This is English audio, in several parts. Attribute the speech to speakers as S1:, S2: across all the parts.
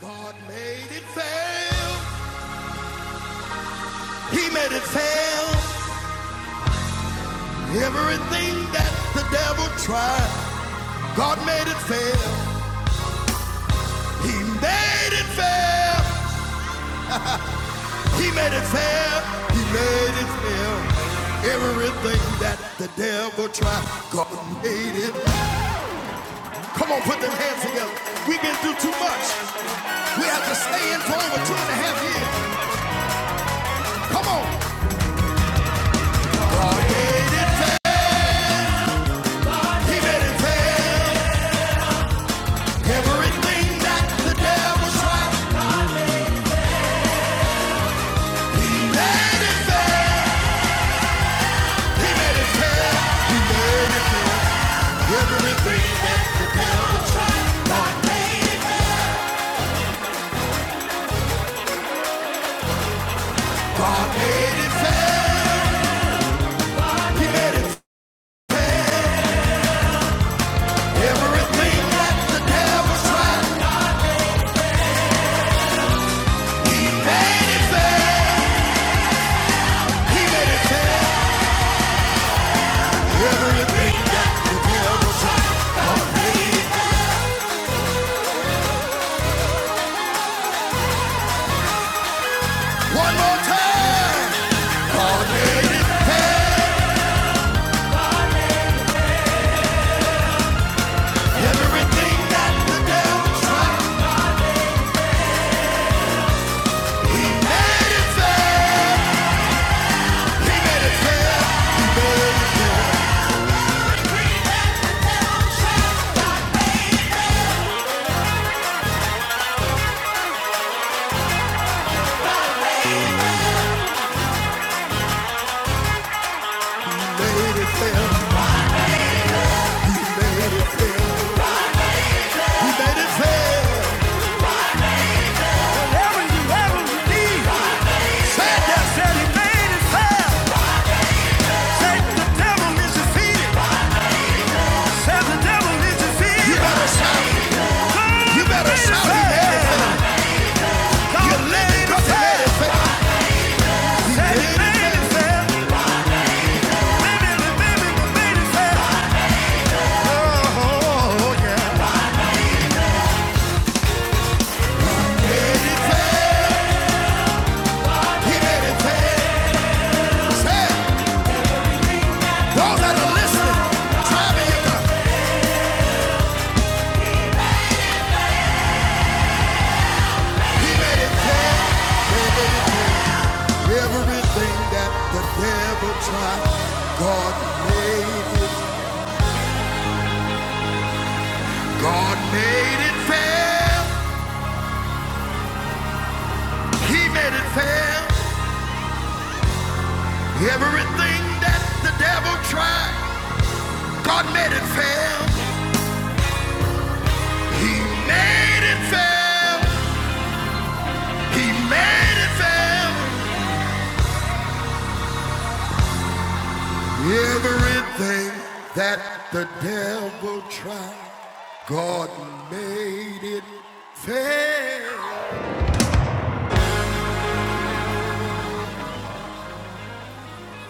S1: God made it fail. He made it fail. Everything that the devil tried, God made it fail. He made it fail. He made it fail. He made it fail. Everything that the devil tried, God made it. Come on, put them hands together. We've been through too much. We have to stay in for over two and a half years. Come on. God made it fail. He made it fail. Everything that the devil tried, he made it fair. He made it fair. He made it fair. Everything that the devil tried, God made it fair. He made it fair. Everything that the devil tried, God made it fair. One more time. God made it fair. Everything that the devil tried, he made it fair. He made it fair. He made it fair. He made it fair. He made it fair. Whatever you ever need, said that said he made it fair. Said the devil is defeated. Said the devil is defeated. You better, you better shout he made it fair. You let it go. He made it fair. He Said he made it fair. Made it fair. Made it, made it, made it fair. Oh, oh, oh, yeah. Everything that the devil tried, God made it. God made it fair. He made it fair. Everything that the devil tried, God made it fair. He made it fair. He made it fair. Everything that the devil tried, God made it fair.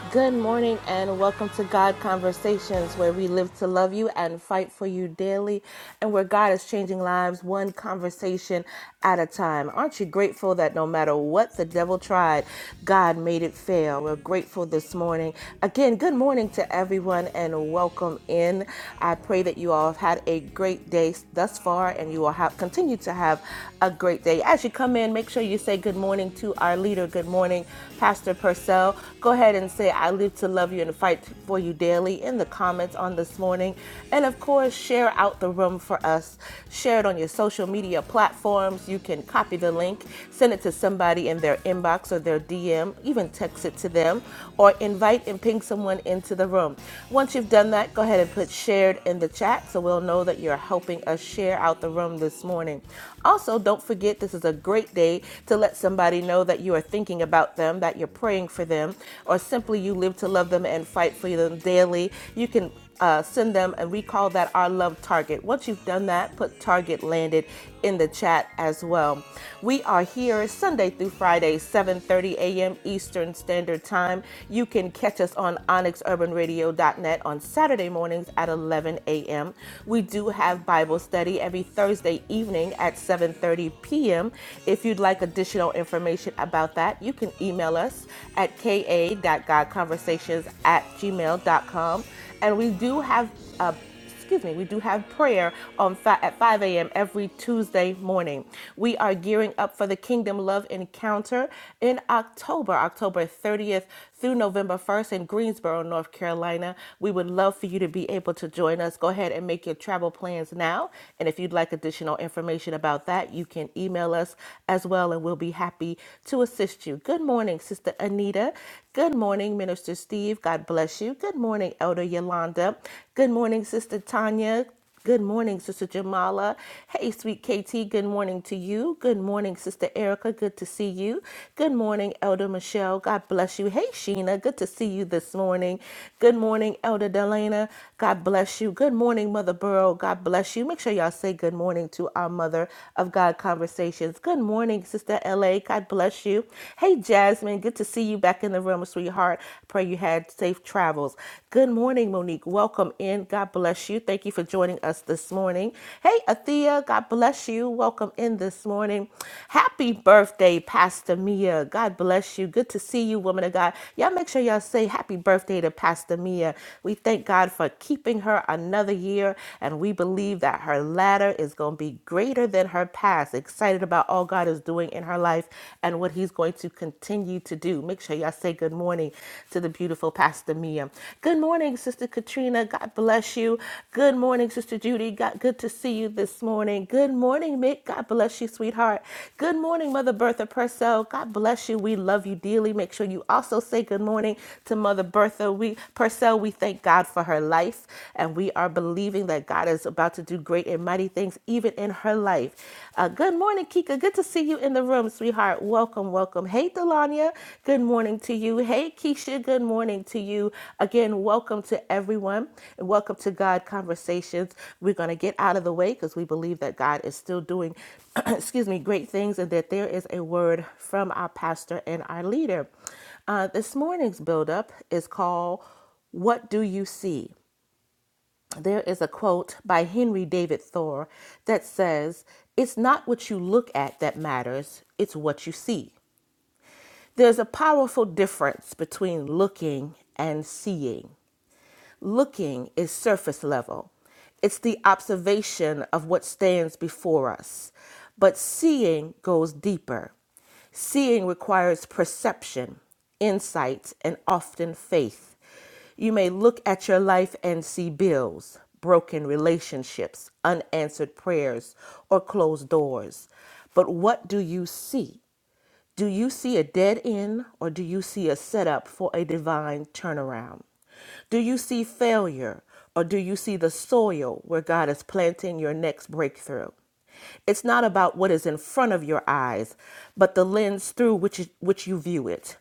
S2: Good morning and welcome to God Conversations, where we live to love you and fight for you daily, and where God is changing lives one conversation at a time. Aren't you grateful that no matter what the devil tried, God made it fail? We're grateful this morning. Again, good morning to everyone and welcome in. I pray that you all have had a great day thus far and you will have, continue to have a great day. As you come in, make sure you say good morning to our leader. Good morning, Pastor. Percy. Purcell, go ahead and say, I live to love you and fight for you daily in the comments on this morning. And of course, share out the room for us. Share it on your social media platforms. You can copy the link, send it to somebody in their inbox or their DM, even text it to them, or invite and ping someone into the room. Once you've done that, go ahead and put shared in the chat so we'll know that you're helping us share out the room this morning. Also, don't forget this is a great day to let somebody know that you are are thinking about them, that you're praying for them, or simply you live to love them and fight for them daily. You can uh, send them, and we call that our love target. Once you've done that, put target landed in the chat as well. We are here Sunday through Friday, 7:30 a.m. Eastern Standard Time. You can catch us on onyxurbanradio.net on Saturday mornings at 11 a.m. We do have Bible study every Thursday evening at 7:30 p.m. If you'd like a like additional information about that, you can email us at ka dot god conversations at gmail dot com. And we do have uh, excuse me, we do have prayer on fi- at 5 a.m. every Tuesday morning. We are gearing up for the Kingdom Love Encounter in October, October 30th through November 1st in Greensboro, North Carolina. We would love for you to be able to join us. Go ahead and make your travel plans now. And if you'd like additional information about that, you can can email us as well, and we'll be happy to assist you. Good morning, Sister Anita. Good morning, Minister Steve. God bless you. Good morning, Elder Yolanda. Good morning, Sister Tanya. Good morning, Sister Jamala. Hey, sweet KT, good morning to you. Good morning, Sister Erica. Good to see you. Good morning, Elder Michelle. God bless you. Hey, Sheena, good to see you this morning. Good morning, Elder Delana. God bless you. Good morning, Mother Burrow. God bless you. Make sure y'all say good morning to to our Mother of God Conversations. Good morning, Sister LA. God bless you. Hey, Jasmine, good to see you back in the room, sweetheart. Pray you had safe travels. Good morning, Monique. Welcome in. God bless you. Thank you for joining us this morning. Hey, Athea, God bless you. Welcome in this morning. Happy birthday, Pastor Mia. God bless you. Good to see you, woman of God. Y'all make sure y'all say happy birthday to Pastor Mia. We thank God for keeping her another year, and we believe that that her latter is going to be greater than her past. Excited about all God is doing in her life and what He's going to continue to do. Make sure y'all say good morning to the beautiful Pastor Mia. Good morning, Sister Katrina. God bless you. Good morning, Sister Judy. God, good to see you this morning. Good morning, Mick. God bless you, sweetheart. Good morning, Mother Bertha Purcell. God bless you. We love you dearly. Make sure you also say good morning to Mother Bertha we, Purcell. We thank God for her life, and we are believing believing that God is about to do great and mighty things even in her life. Uh, good morning, Kika. Good to see you in the room, sweetheart. Welcome, welcome. Hey, Delania. Good morning to you. Hey, Keisha. Good morning to you. Again, welcome to everyone and welcome to God Conversations. We're going to get out of the way because we believe that God is still doing, excuse me, great things and that there is a word from our pastor and our leader. Uh, this morning's buildup is called What Do You See? there is a quote by Henry David Thoreau that says, It's not what you look at that matters, it's what you see. There's a powerful difference between looking and seeing. Looking is surface level, it's the observation of what stands before us. But seeing goes deeper. Seeing requires perception, insight, and often faith. You may look at your life and see bills, broken relationships, unanswered prayers, or closed doors. But what do you see? Do you see a dead end or do you see a setup for a divine turnaround? Do you see failure or do you see the soil where God is planting your next breakthrough? It's not about what is in front of your eyes, but the lens through which, which you view it.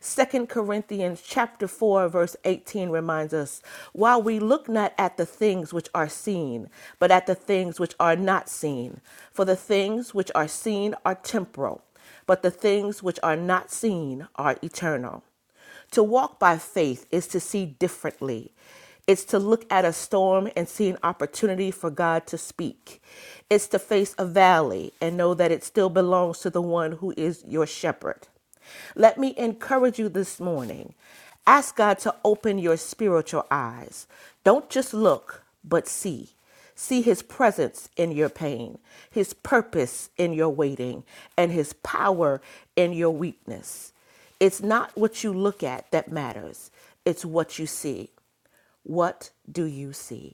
S2: Second Corinthians chapter 4 verse 18 reminds us while we look not at the things which are seen but at the things which are not seen for the things which are seen are temporal but the things which are not seen are eternal. To walk by faith is to see differently. It's to look at a storm and see an opportunity for God to speak. It's to face a valley and know that it still belongs to the one who is your shepherd. Let me encourage you this morning. Ask God to open your spiritual eyes. Don't just look, but see. See his presence in your pain, his purpose in your waiting, and his power in your weakness. It's not what you look at that matters, it's what you see. What do you see?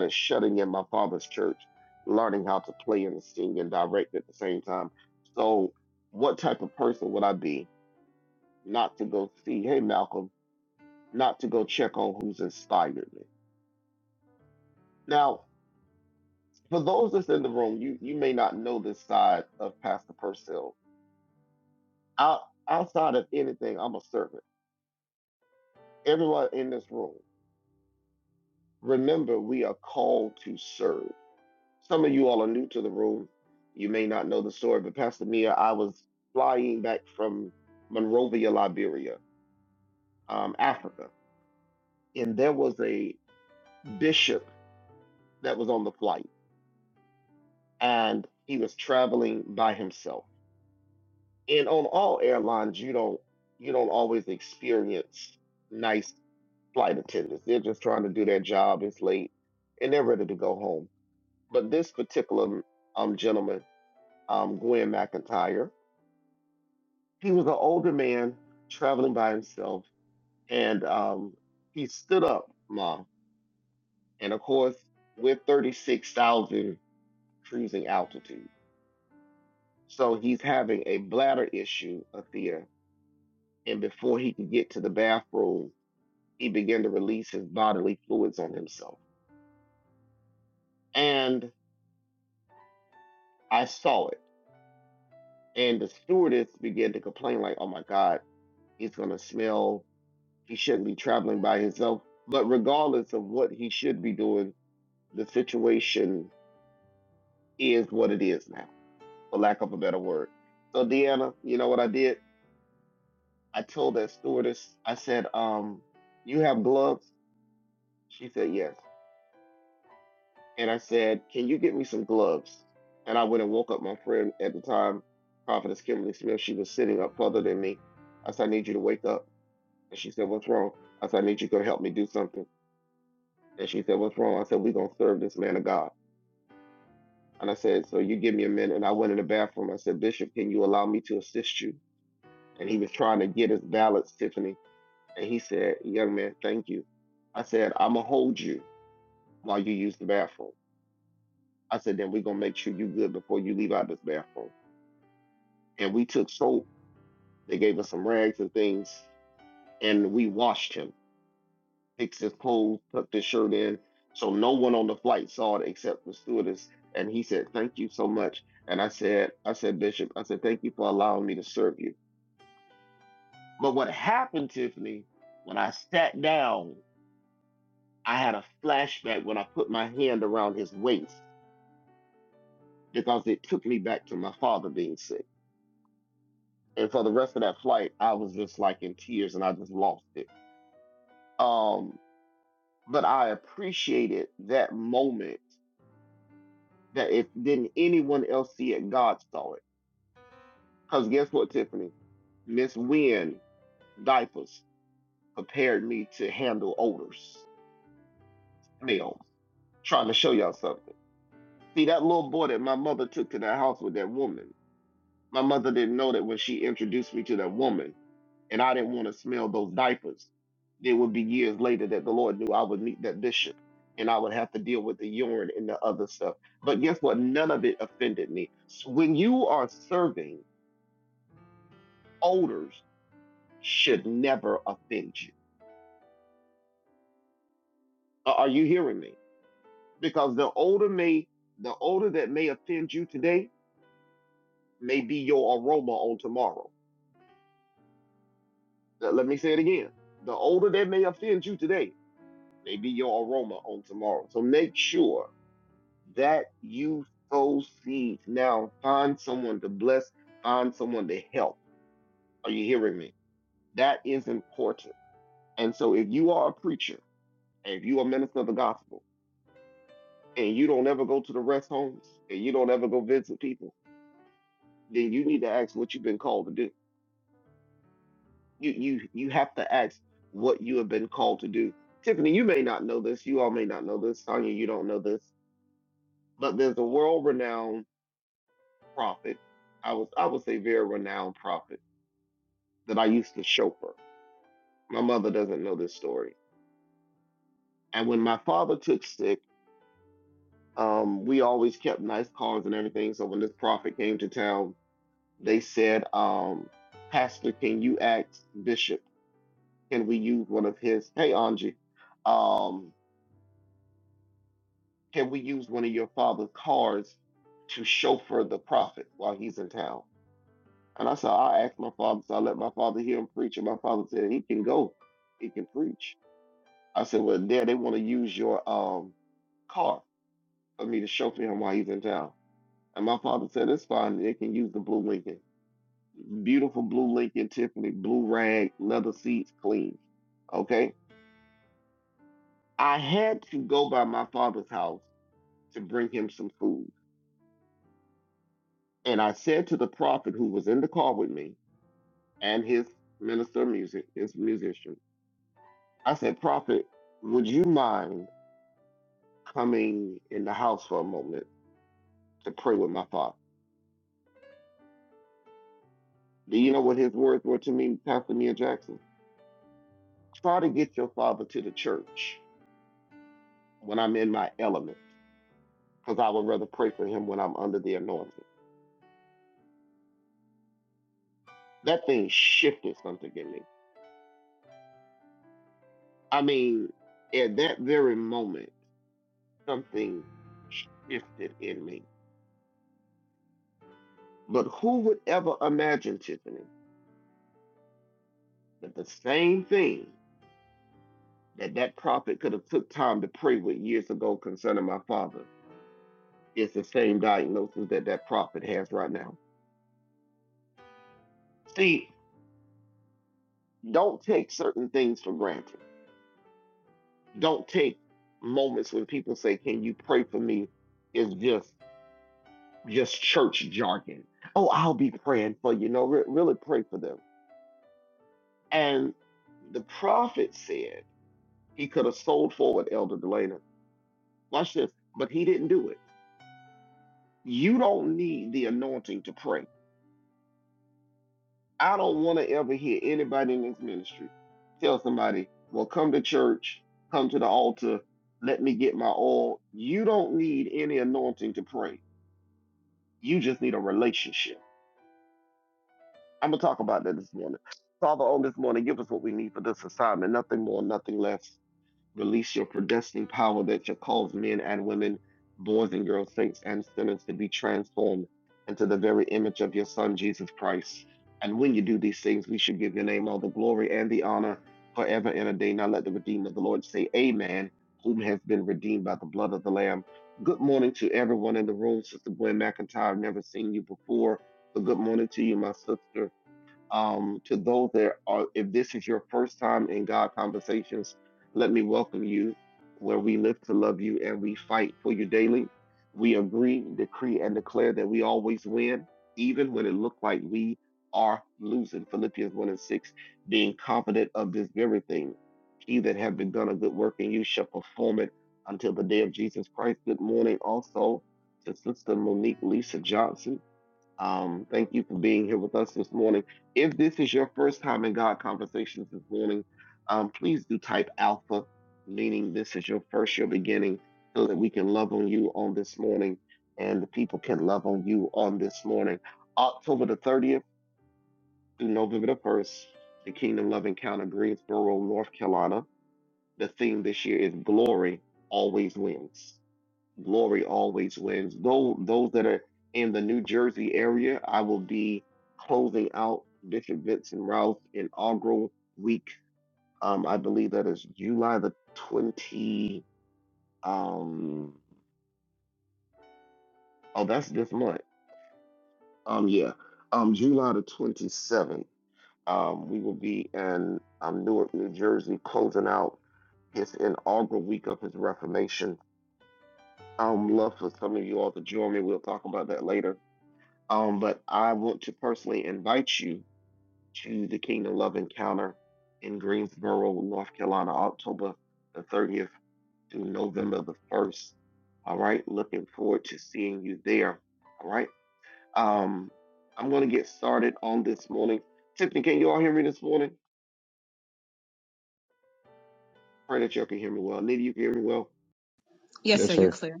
S3: Yes, sir,
S4: Yes,
S3: you're
S4: sir.
S3: clear.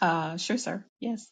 S3: Uh, sure, sir. Yes.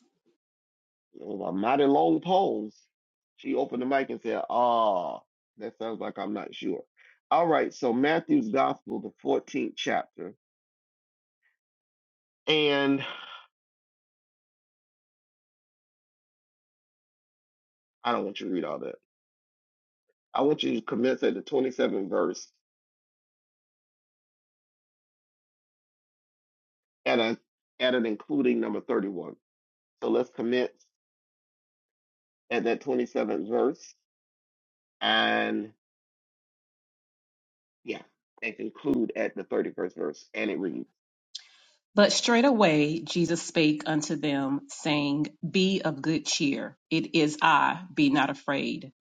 S3: But straightaway Jesus spake unto them, saying, Be of good cheer. It is I. Be not afraid.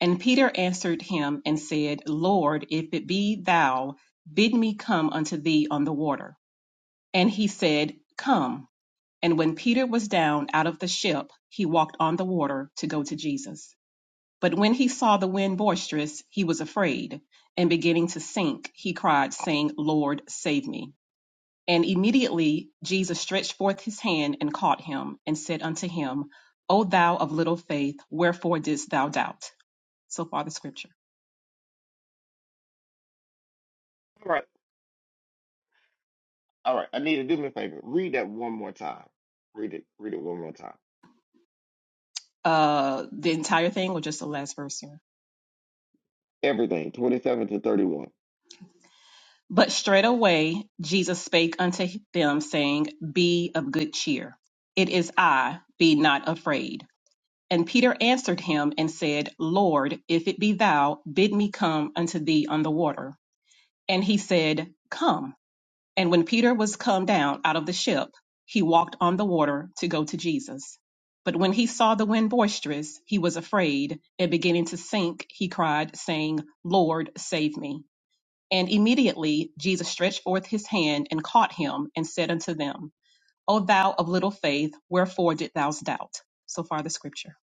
S3: And Peter answered him and said, Lord, if it be thou, bid me come unto thee on the water. And he said, Come. And when Peter was down out of the ship, he walked on the water to go to Jesus. But when he saw the wind boisterous, he was afraid, and beginning to sink, he cried, saying, Lord, save me. And immediately Jesus stretched forth his hand and caught him, and said unto him, O thou of little faith, wherefore didst thou doubt? So far the scripture. Uh, the entire thing, or just the last verse here. But straightway Jesus spake unto them, saying, Be of good cheer. It is I, be not afraid. And Peter answered him and said, Lord, if it be thou, bid me come unto thee on the water. And he said, Come. And when Peter was come down out of the ship, he walked on the water to go to Jesus. But when he saw the wind boisterous, he was afraid, and beginning to sink, he cried, saying, Lord, save me. And immediately Jesus stretched forth his hand and caught him, and said unto them, O thou of little faith, wherefore did thou doubt? So far the scripture.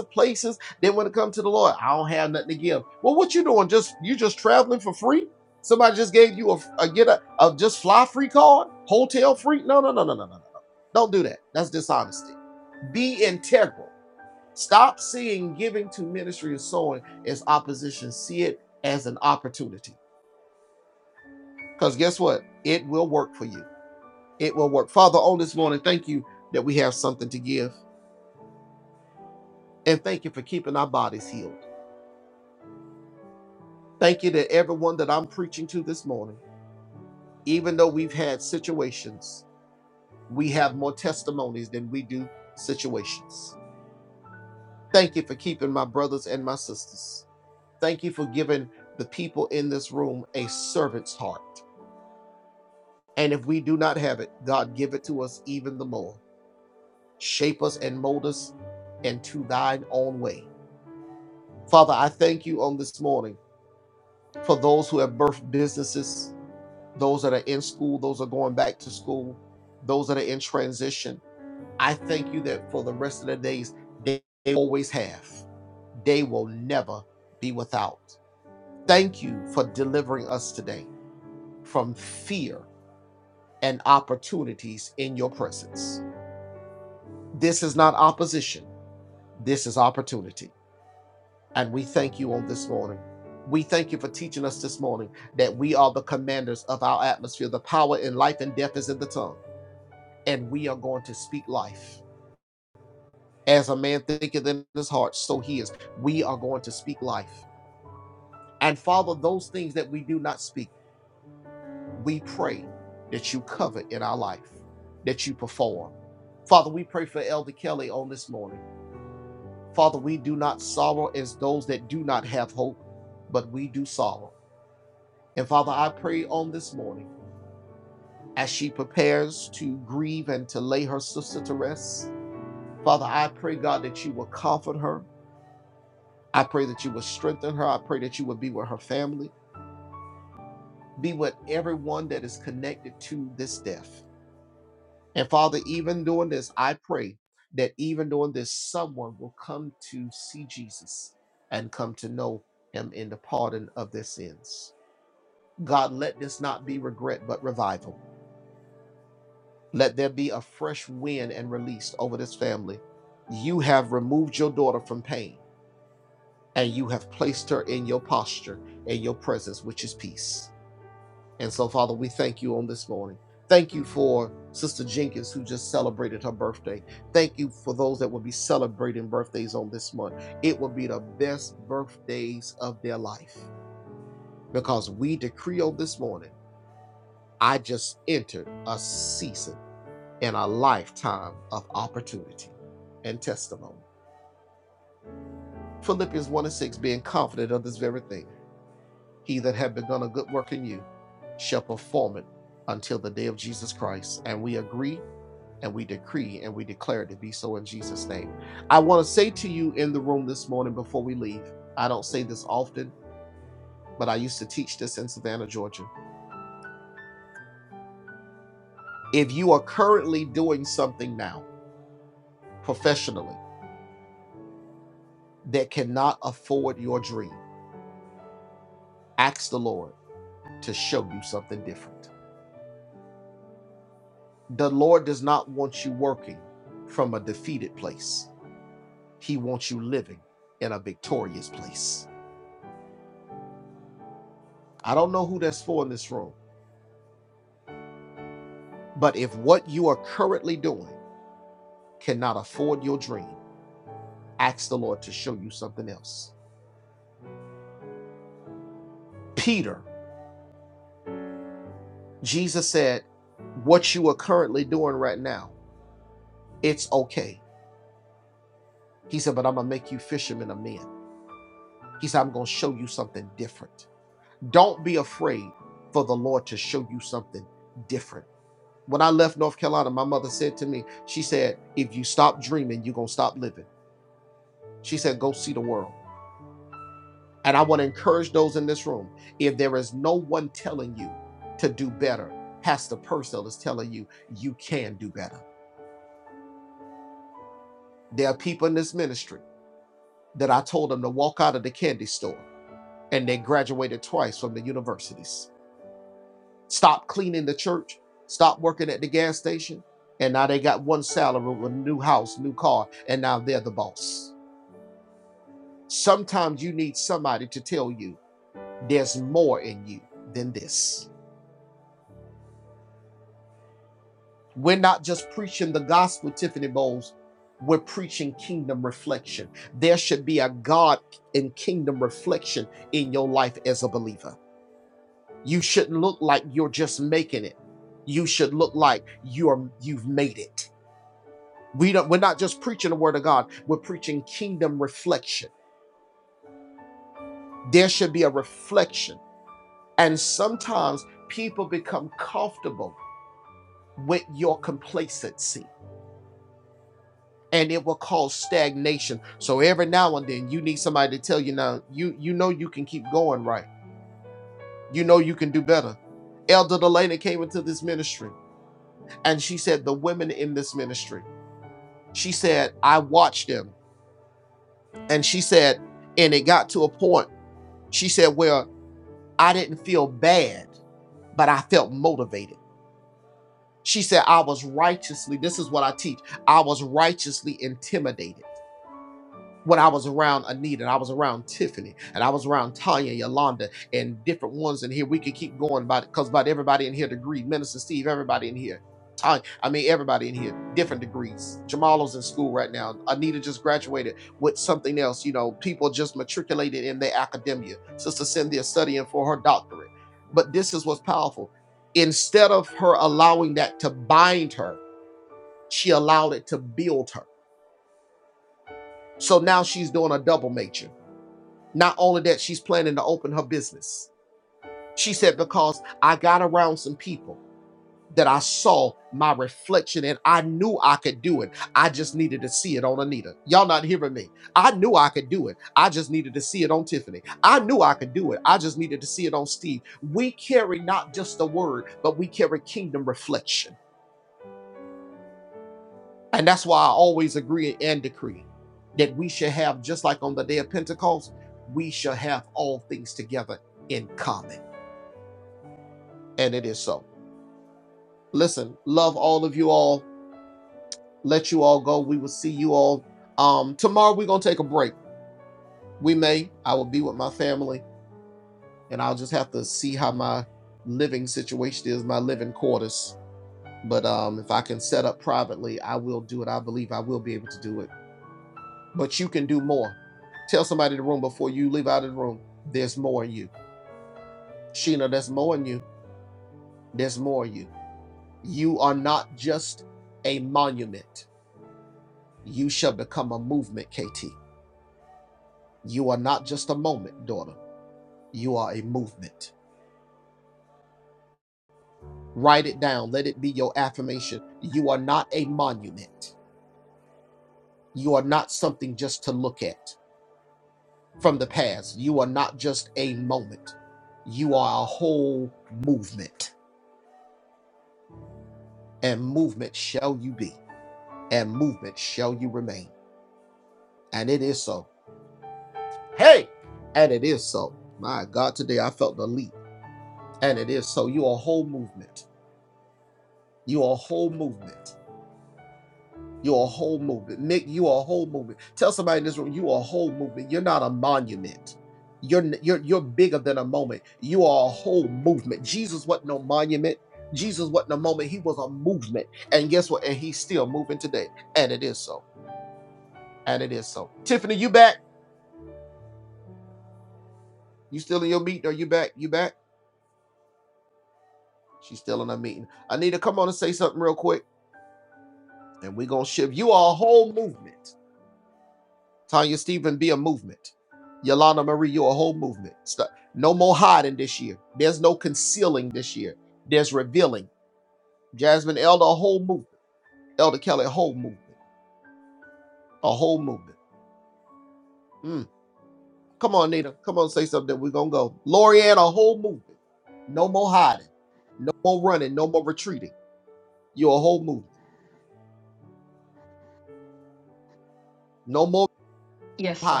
S3: Yes, sir.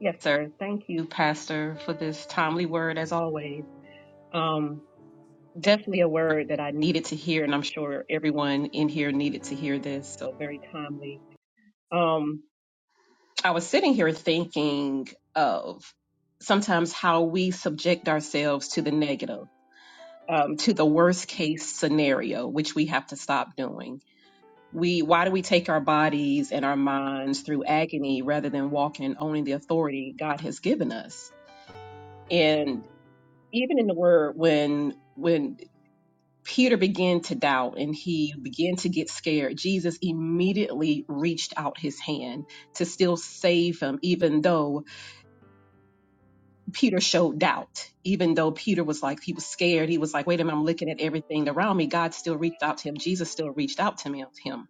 S3: Yes, sir. Thank you, Pastor, for this timely word as always. Um, definitely a word that I needed to hear, and I'm sure everyone in here needed to hear this. So very timely. Um, I was sitting here thinking of sometimes how we subject ourselves to the negative, um, to the worst case scenario, which we have to stop doing. We why do we take our bodies and our minds through agony rather than walking and owning the authority God has given us? And even in the word when when Peter began to doubt and he began to get scared. Jesus immediately reached out his hand to still save him, even though Peter showed doubt, even though Peter was like, he was scared. He was like, wait a minute, I'm looking at everything around me. God still reached out to him. Jesus still reached out to me- him.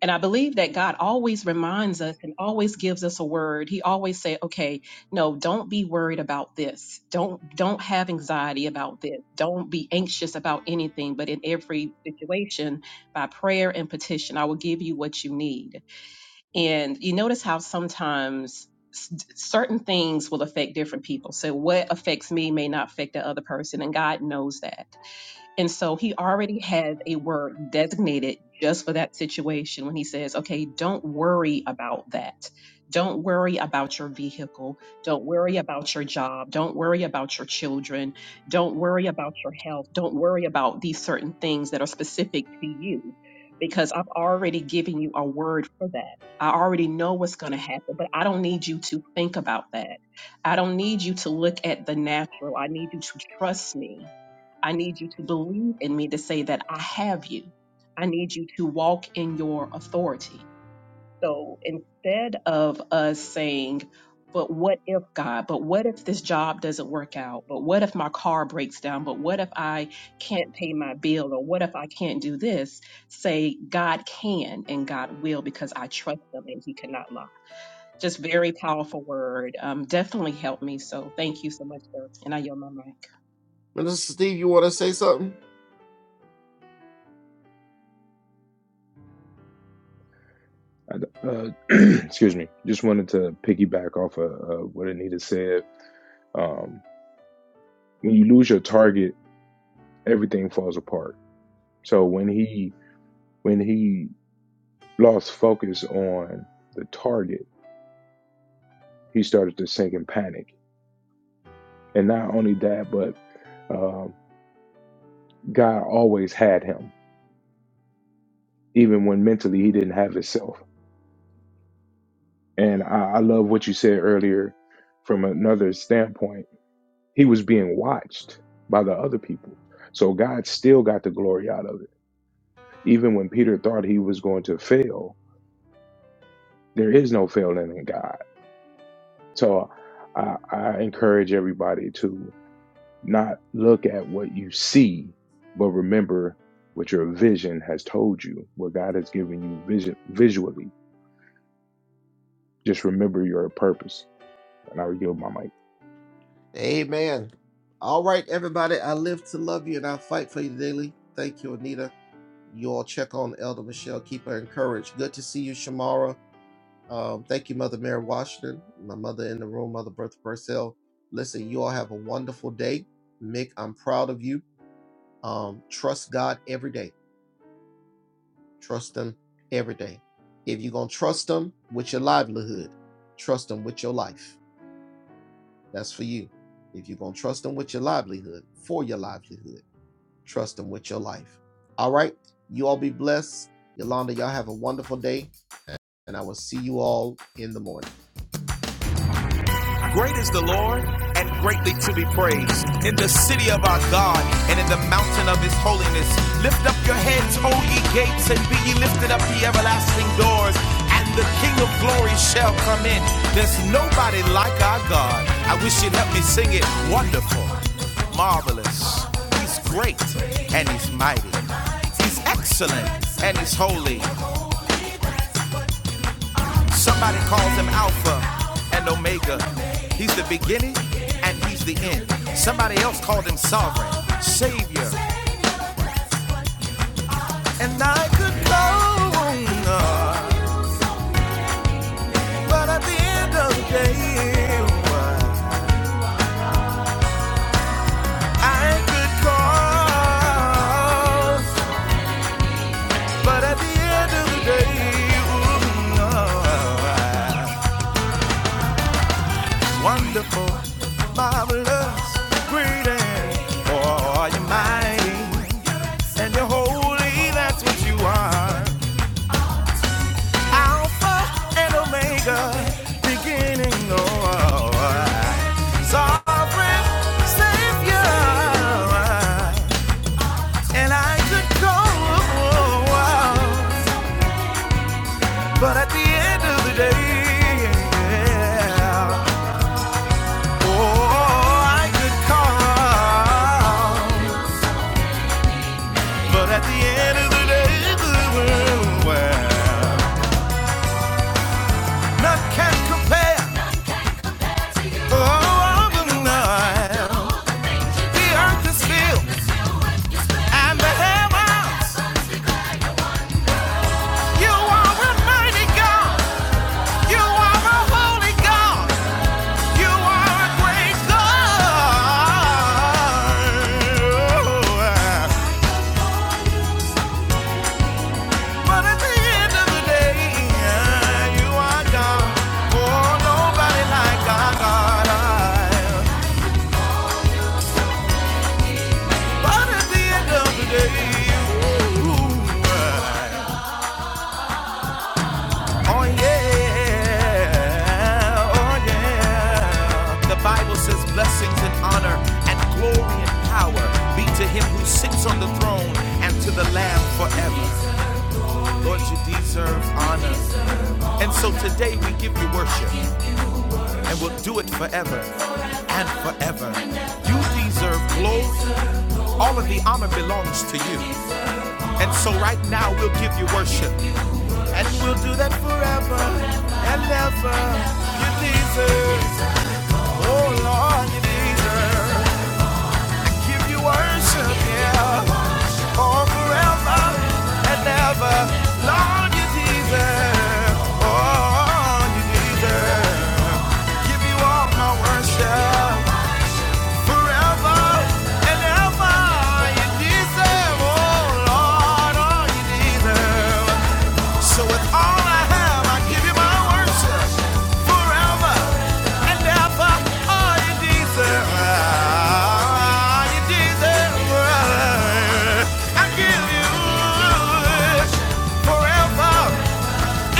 S3: And I believe that God always reminds us and always gives us a word. He always say, "Okay, no, don't be worried about this. Don't don't have anxiety about this. Don't be anxious about anything, but in every situation, by prayer and petition, I will give you what you need." And you notice how sometimes s- certain things will affect different people. So what affects me may not affect the other person, and God knows that. And so he already has a word designated just for that situation when he says, okay, don't worry about that. Don't worry about your vehicle. Don't worry about your job. Don't worry about your children. Don't worry about your health. Don't worry about these certain things that are specific to you because I've already given you a word for that. I already know what's going to happen, but I don't need you to think about that. I don't need you to look at the natural. I need you to trust me I need you to believe in me to say that I have you. I need you to walk in your authority. So instead of us saying, but what if God, but what if this job doesn't work out? But what if my car breaks down? But what if I can't pay my bill? Or what if I can't do this? Say, God can and God will because I trust him and he cannot lie. Just very powerful word. Um, definitely helped me. So thank you so much, sir. And I yield my mic.
S4: I, uh, excuse me. Just wanted to piggyback off of uh, what Anita said. Um, when you lose your target, everything falls apart. So when he when he lost focus on the target, he started to sink in panic. And not only that, but um, God always had him, even when mentally he didn't have himself. And I, I love what you said earlier from another standpoint he was being watched by the other people. So God still got the glory out of it. Even when Peter thought he was going to fail, there is no failing in God. So I, I encourage everybody to not look at what you see, but remember what your vision has told you, what God has given you vision, visually. Just remember your purpose. And I will yield my mic.
S1: Great is the Lord and greatly to be praised. In the city of our God and in the mountain of his holiness. Lift up your heads, O ye gates, and be ye lifted up the everlasting doors, and the King of glory shall come in. There's nobody like our God. I wish you'd help me sing it. Wonderful, marvelous. He's great and he's mighty. He's excellent and he's holy. Somebody calls him Alpha and Omega. He's the beginning and he's the end. Somebody else called him Sovereign, Savior. And I could go on, but at the end of the day, I could call, but at the end of the day, ooh, wonderful, marvelous, great, and oh, you're mighty. and you're holy, that's what you are. Alpha and Omega, beginning of sovereign Savior. And I could go on, but at the end of the day, yeah, oh, I could call, but at the end of the day, well, none can compare. But at the end of the day, you. Oh yeah, oh yeah. The Bible says blessings and honor and glory and power be to him who sits on the throne and to the Lamb forever. Lord, you deserve honor. And so today we give you worship and we'll do it forever and forever. You deserve glory. All of the honor belongs to you. And so right now we'll give you worship. And we'll do that forever and ever. You deserve, oh Lord, you deserve. Give you worship, yeah. Oh, forever and ever. Lord, you deserve. Oh, you deserve. Give you all my worship. Forever and ever. You deserve, oh Lord, oh, you deserve. So with all I have, I give you my worship forever and ever. Oh, you deserve, oh, you deserve. I give you forever.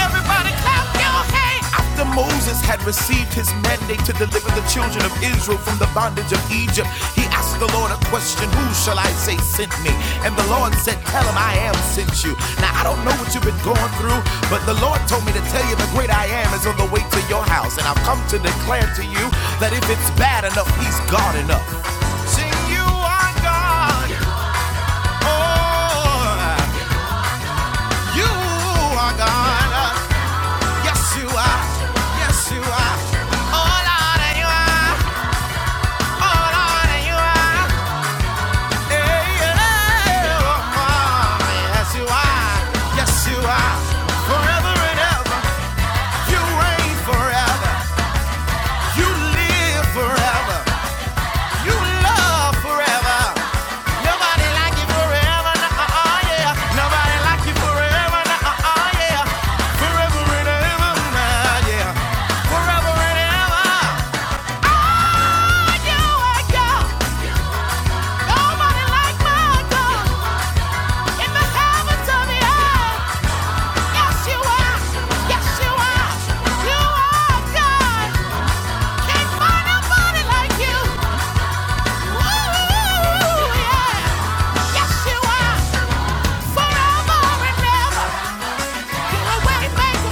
S1: Everybody clap your hands. After Moses had received his mandate to deliver the children of Israel from the bondage of Egypt, he asked the Lord a question Who shall I say sent me? And the Lord said, Tell him I am sent you. Now, I don't know what you've been going through, but the Lord told me to tell you the great I am is on the way to your house. And I've come to declare to you that if it's bad enough, he's God enough. Sing, You are God. Oh, you are God. Yes, you are. Yes, you are. Oh, Lord, you are. Oh, Lord, you are. Hey, yeah. Oh, oh, yes, you are. Yes, you are. Forever and ever. You reign forever. You live forever. You love forever. Nobody like you forever. Nah, uh, uh, yeah. Nobody like you forever. Nah, uh, uh, yeah. Forever and ever. Nah, yeah. Forever and ever.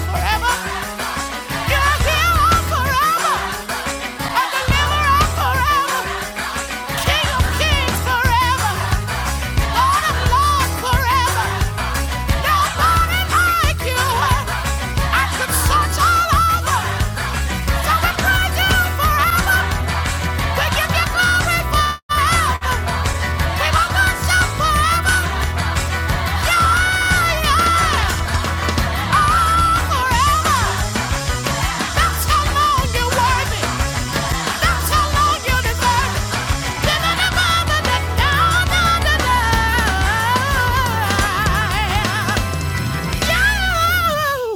S1: Forever, a deliverer forever, King of kings forever. Lord of Lords forever. Nobody like you. I could search all over. So we praise you forever. We give you glory forever. We will worship forever. Yeah, yeah.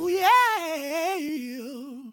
S1: Yeah.